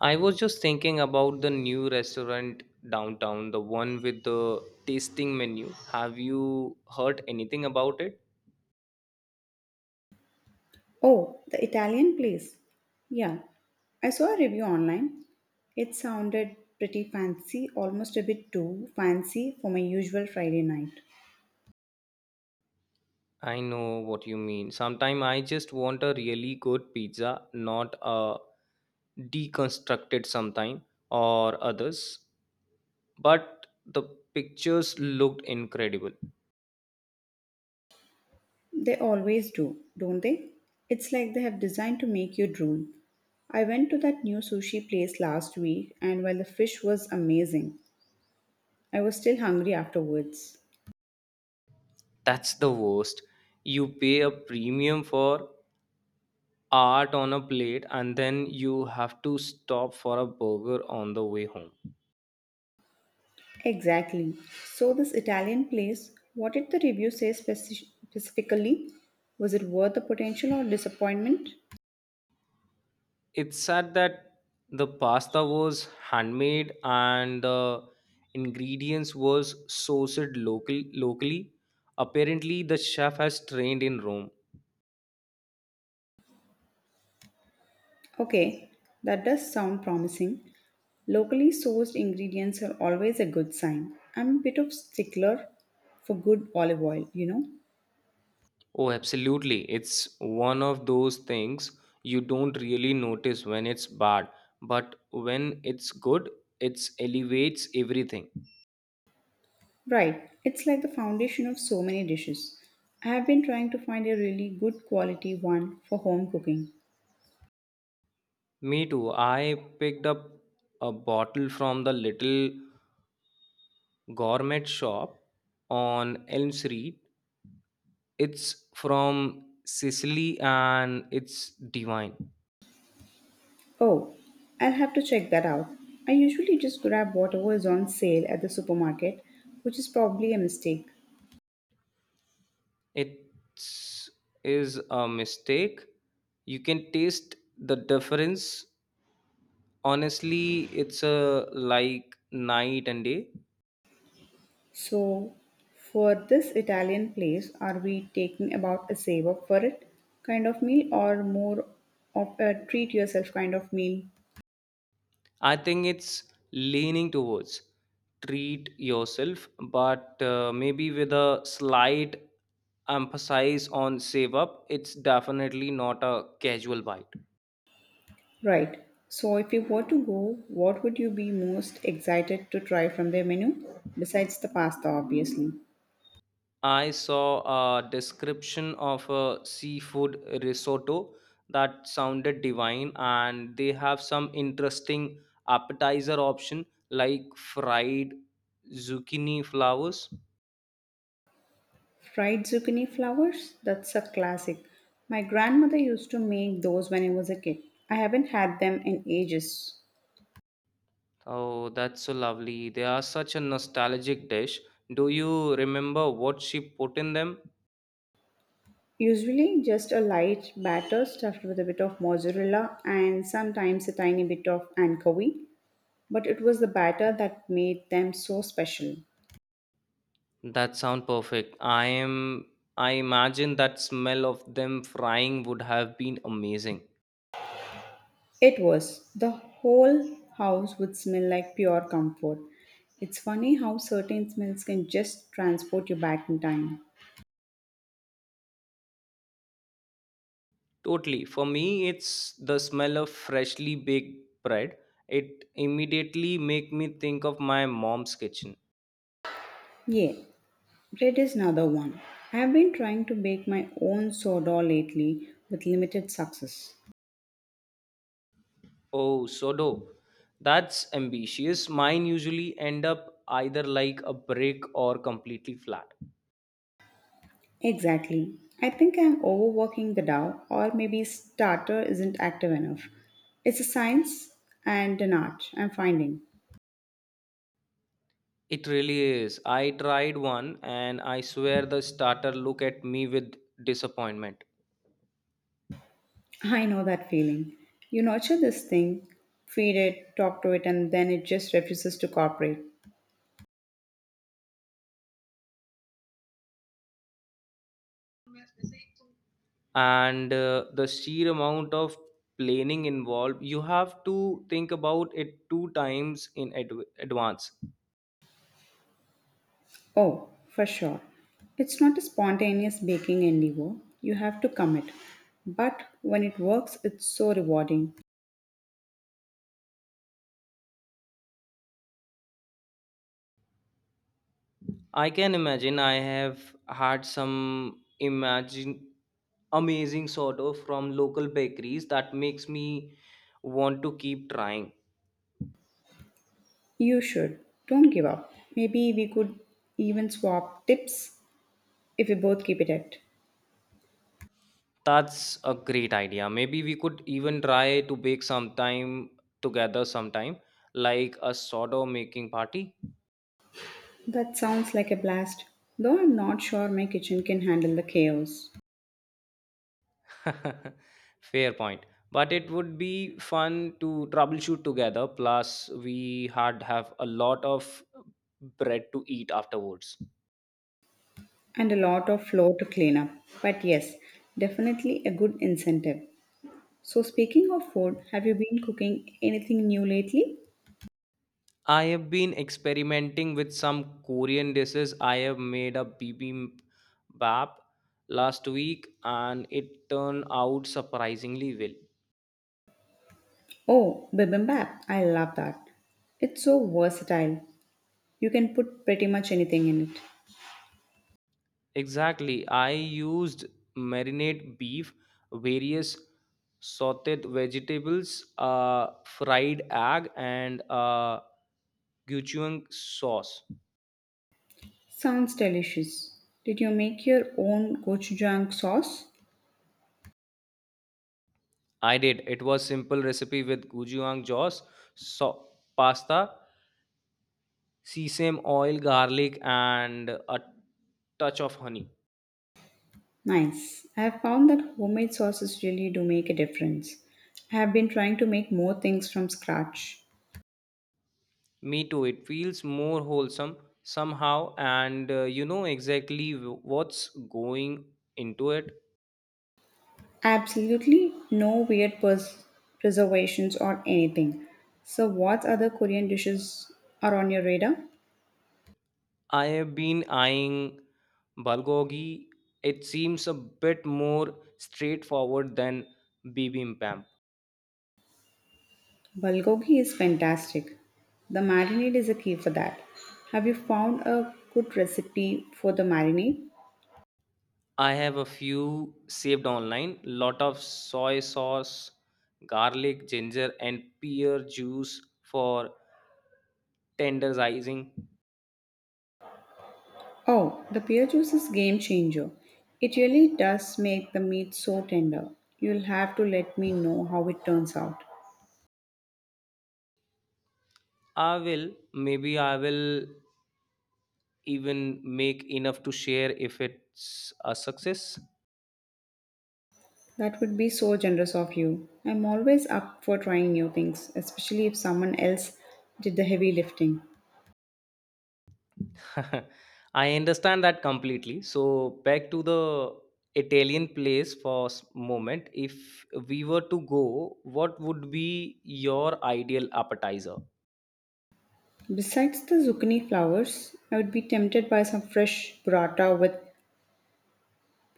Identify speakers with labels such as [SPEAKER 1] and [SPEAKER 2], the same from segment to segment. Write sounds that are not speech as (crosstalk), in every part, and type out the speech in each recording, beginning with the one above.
[SPEAKER 1] I was just thinking about the new restaurant downtown, the one with the tasting menu. Have you heard anything about it?
[SPEAKER 2] Oh, the Italian place. Yeah, I saw a review online. It sounded pretty fancy, almost a bit too fancy for my usual Friday night.
[SPEAKER 1] I know what you mean. Sometimes I just want a really good pizza, not a deconstructed sometime or others. But the pictures looked incredible.
[SPEAKER 2] They always do, don't they? It's like they have designed to make you drool. I went to that new sushi place last week, and while the fish was amazing, I was still hungry afterwards.
[SPEAKER 1] That's the worst. You pay a premium for art on a plate and then you have to stop for a burger on the way home.
[SPEAKER 2] Exactly. So, this Italian place, what did the review say specifically? Was it worth the potential or disappointment?
[SPEAKER 1] It's said that the pasta was handmade and the ingredients was sourced locally. Apparently the chef has trained in Rome.
[SPEAKER 2] Okay, that does sound promising. Locally sourced ingredients are always a good sign. I'm a bit of stickler for good olive oil, you know.
[SPEAKER 1] Oh, absolutely. It's one of those things you don't really notice when it's bad, but when it's good, it elevates everything.
[SPEAKER 2] Right, it's like the foundation of so many dishes. I have been trying to find a really good quality one for home cooking.
[SPEAKER 1] Me too. I picked up a bottle from the little gourmet shop on Elm Street. It's from Sicily and it's divine.
[SPEAKER 2] Oh, I'll have to check that out. I usually just grab whatever is on sale at the supermarket, which is probably a mistake.
[SPEAKER 1] It is a mistake. You can taste the difference. Honestly, it's a like night and day.
[SPEAKER 2] So, for this Italian place, are we taking about a save up for it kind of meal or more of a treat yourself kind of meal?
[SPEAKER 1] I think it's leaning towards treat yourself, but maybe with a slight emphasis on save up. It's definitely not a casual bite.
[SPEAKER 2] Right. So, if you were to go, what would you be most excited to try from their menu? Besides the pasta, obviously.
[SPEAKER 1] I saw a description of a seafood risotto that sounded divine, and they have some interesting appetizer option like fried zucchini flowers.
[SPEAKER 2] Fried zucchini flowers? That's a classic. My grandmother used to make those when I was a kid. I haven't had them in ages.
[SPEAKER 1] Oh, that's so lovely. They are such a nostalgic dish. Do you remember what she put in them?
[SPEAKER 2] Usually just a light batter stuffed with a bit of mozzarella and sometimes a tiny bit of anchovy, but it was the batter that made them so special.
[SPEAKER 1] That sound perfect. I imagine that smell of them frying would have been amazing.
[SPEAKER 2] It was. The whole house would smell like pure comfort. It's funny how certain smells can just transport you back in time.
[SPEAKER 1] Totally. For me, it's the smell of freshly baked bread. It immediately make me think of my mom's kitchen.
[SPEAKER 2] Yeah, bread is another one. I have been trying to bake my own sourdough lately with limited success.
[SPEAKER 1] Oh, so dope. That's ambitious. Mine usually end up either like a brick or completely flat.
[SPEAKER 2] Exactly. I think I'm overworking the DAO, or maybe starter isn't active enough. It's a science and an art, I'm finding.
[SPEAKER 1] It really is. I tried one and I swear the starter looked at me with disappointment.
[SPEAKER 2] I know that feeling. You nurture this thing, feed it, talk to it, and then it just refuses to cooperate.
[SPEAKER 1] And the sheer amount of planning involved, you have to think about it two times in advance.
[SPEAKER 2] Oh, for sure. It's not a spontaneous baking endeavor. You have to commit. But when it works, it's so rewarding.
[SPEAKER 1] I can imagine I have had some imagine amazing sourdough from local bakeries that makes me want to keep trying.
[SPEAKER 2] You should. Don't give up. Maybe we could even swap tips if we both keep it at.
[SPEAKER 1] That's a great idea. Maybe we could even try to bake some time together sometime, like a sourdough making party.
[SPEAKER 2] That sounds like a blast, though I'm not sure my kitchen can handle the chaos
[SPEAKER 1] (laughs) Fair point. But it would be fun to troubleshoot together. Plus, we had have a lot of bread to eat afterwards.
[SPEAKER 2] and a lot of floor to clean up. But yes, definitely a good incentive. So, speaking of food, have you been cooking anything new lately?
[SPEAKER 1] I have been experimenting with some Korean dishes. I have made a bibimbap last week, and it turned out surprisingly well.
[SPEAKER 2] Oh, bibimbap. I love that. It's so versatile. You can put pretty much anything in it.
[SPEAKER 1] Exactly. I used marinate beef, various sauteed vegetables, fried egg, and gochujang sauce.
[SPEAKER 2] Sounds delicious. Did you make your own gochujang sauce?
[SPEAKER 1] I did. It was simple recipe with gochujang sauce, so pasta, sesame oil, garlic, and a touch of honey.
[SPEAKER 2] Nice. I have found that homemade sauces really do make a difference. I have been trying to make more things from scratch.
[SPEAKER 1] Me too. It feels more wholesome somehow, and you know exactly what's going into it.
[SPEAKER 2] Absolutely no weird preservations or anything. So, what other Korean dishes are on your radar?
[SPEAKER 1] I have been eyeing bulgogi. It seems a bit more straightforward than bibimbap.
[SPEAKER 2] Bulgogi is fantastic. The marinade is a key for that. Have you found a good recipe for the marinade?
[SPEAKER 1] I have a few saved online. Lot of soy sauce, garlic, ginger, and pear juice for tenderizing.
[SPEAKER 2] Oh, the pear juice is game changer. It really does make the meat so tender. You'll have to let me know how it turns out.
[SPEAKER 1] I will. Maybe I will even make enough to share if it's a success.
[SPEAKER 2] That would be so generous of you. I'm always up for trying new things, especially if someone else did the heavy lifting.
[SPEAKER 1] (laughs) I understand that completely. So back to the Italian place for moment. If we were to go, what would be your ideal appetizer?
[SPEAKER 2] Besides the zucchini flowers, I would be tempted by some fresh burrata with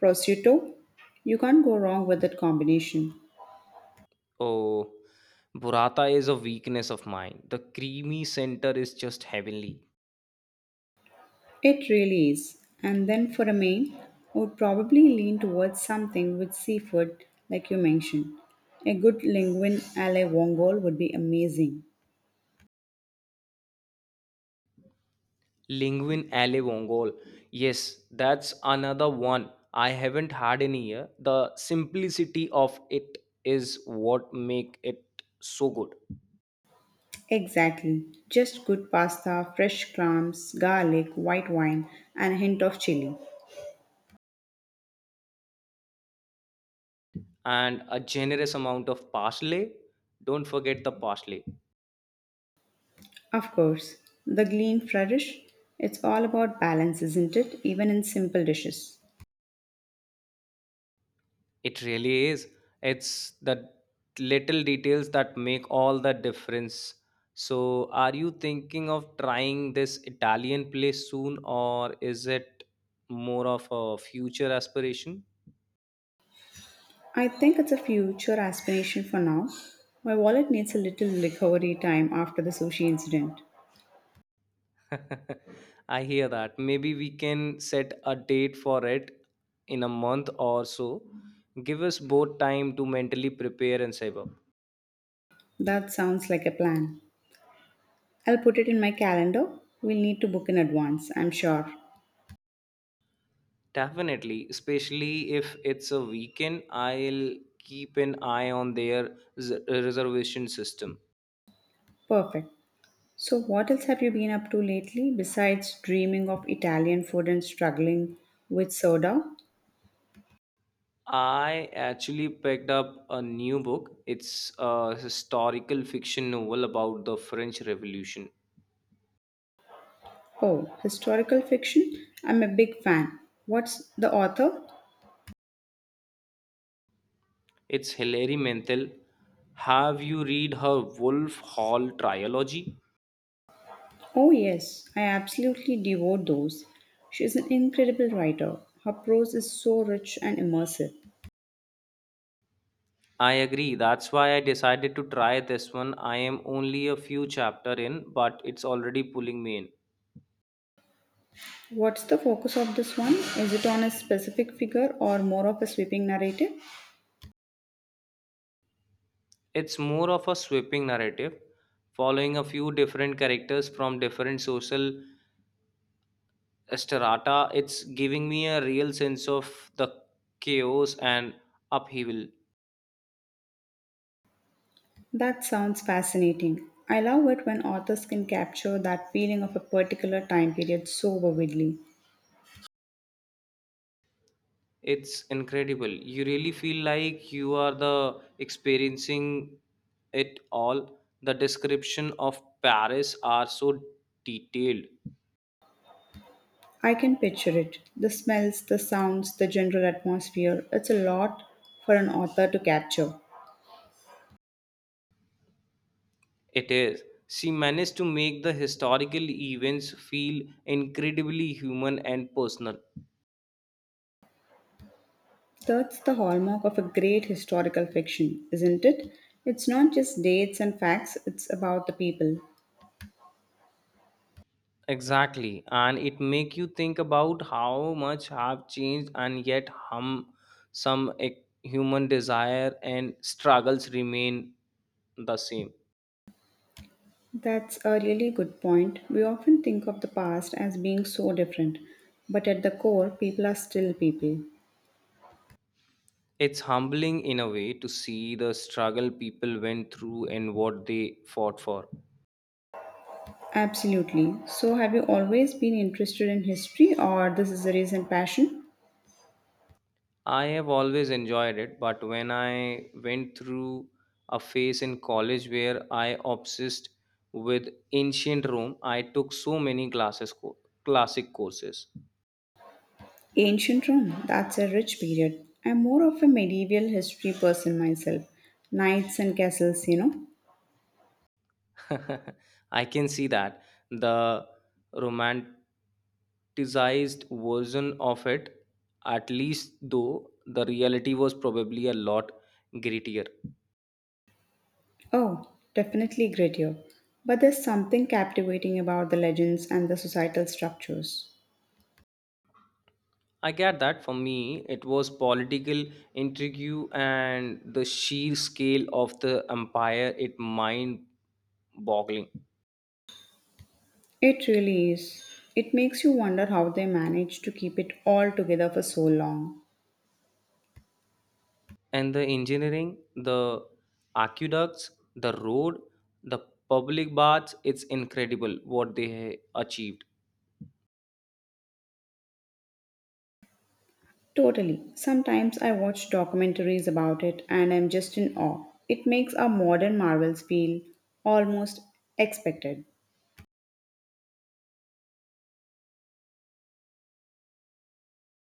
[SPEAKER 2] prosciutto. You can't go wrong with that combination.
[SPEAKER 1] Oh, burrata is a weakness of mine. The creamy center is just heavenly.
[SPEAKER 2] It really is. And then for a main, I would probably lean towards something with seafood, like you mentioned. A good linguine alle vongole would be amazing.
[SPEAKER 1] Linguine alle vongole. Yes, that's another one I haven't had in a year. The simplicity of it is what make it so good.
[SPEAKER 2] Exactly. Just good pasta, fresh clams, garlic, white wine, and a hint of chili.
[SPEAKER 1] And a generous amount of parsley. Don't forget the parsley.
[SPEAKER 2] Of course, the green flourish. It's all about balance, isn't it? Even in simple dishes.
[SPEAKER 1] It really is. It's the little details that make all the difference. So, are you thinking of trying this Italian place soon, or is it more of a future aspiration?
[SPEAKER 2] I think it's a future aspiration for now. My wallet needs a little recovery time after the sushi incident.
[SPEAKER 1] (laughs) I hear that. Maybe we can set a date for it in a month or so. Give us both time to mentally prepare and save up.
[SPEAKER 2] That sounds like a plan. I'll put it in my calendar. We'll need to book in advance, I'm sure.
[SPEAKER 1] Definitely, especially if it's a weekend, I'll keep an eye on their reservation system.
[SPEAKER 2] Perfect. So, what else have you been up to lately besides dreaming of Italian food and struggling with soda?
[SPEAKER 1] I actually picked up a new book. It's a historical fiction novel about the French Revolution.
[SPEAKER 2] Oh, historical fiction? I'm a big fan. What's the author?
[SPEAKER 1] It's Hilary Mantel. Have you read her Wolf Hall trilogy?
[SPEAKER 2] Oh, yes, I absolutely devour those. She's an incredible writer. Her prose is so rich and immersive.
[SPEAKER 1] I agree. That's why I decided to try this one. I am only a few chapter in, but it's already pulling me in.
[SPEAKER 2] What's the focus of this one? Is it on a specific figure or more of a sweeping narrative?
[SPEAKER 1] It's more of a sweeping narrative, following a few different characters from different social strata. It's giving me a real sense of the chaos and upheaval.
[SPEAKER 2] That sounds fascinating. I love it when authors can capture that feeling of a particular time period so vividly.
[SPEAKER 1] It's incredible. You really feel like you are the experiencing it all. The description of Paris are so detailed.
[SPEAKER 2] I can picture it the smells, the sounds, the general atmosphere. It's a lot for an author to capture.
[SPEAKER 1] It is. She managed to make the historical events feel incredibly human and personal.
[SPEAKER 2] That's the hallmark of a great historical fiction, isn't it? It's not just dates and facts, it's about the people.
[SPEAKER 1] Exactly, and it make you think about how much have changed, and yet human desire and struggles remain the same.
[SPEAKER 2] That's a really good point. We often think of the past as being so different, but at the core, people are still people.
[SPEAKER 1] It's humbling in a way to see the struggle people went through and what they fought for.
[SPEAKER 2] Absolutely. So, have you always been interested in history, or this is a recent passion?
[SPEAKER 1] I have always enjoyed it, but when I went through a phase in college where I obsessed with ancient Rome, I took so many classes classic courses.
[SPEAKER 2] Ancient Rome, that's a rich period. I'm more of a medieval history person myself. Knights and castles, you know?
[SPEAKER 1] (laughs) I can see that, the romanticized version of it, at least, though the reality was probably a lot grittier.
[SPEAKER 2] Oh, definitely great. But there's something captivating about the legends and the societal structures.
[SPEAKER 1] I get that. For me, it was political intrigue and the sheer scale of the empire. It mind boggling.
[SPEAKER 2] It really is. It makes you wonder how they managed to keep it all together for so long.
[SPEAKER 1] And the engineering, the aqueducts, the road, the public baths, it's incredible what they achieved.
[SPEAKER 2] Totally. Sometimes I watch documentaries about it and I'm just in awe. It makes our modern marvels feel almost expected.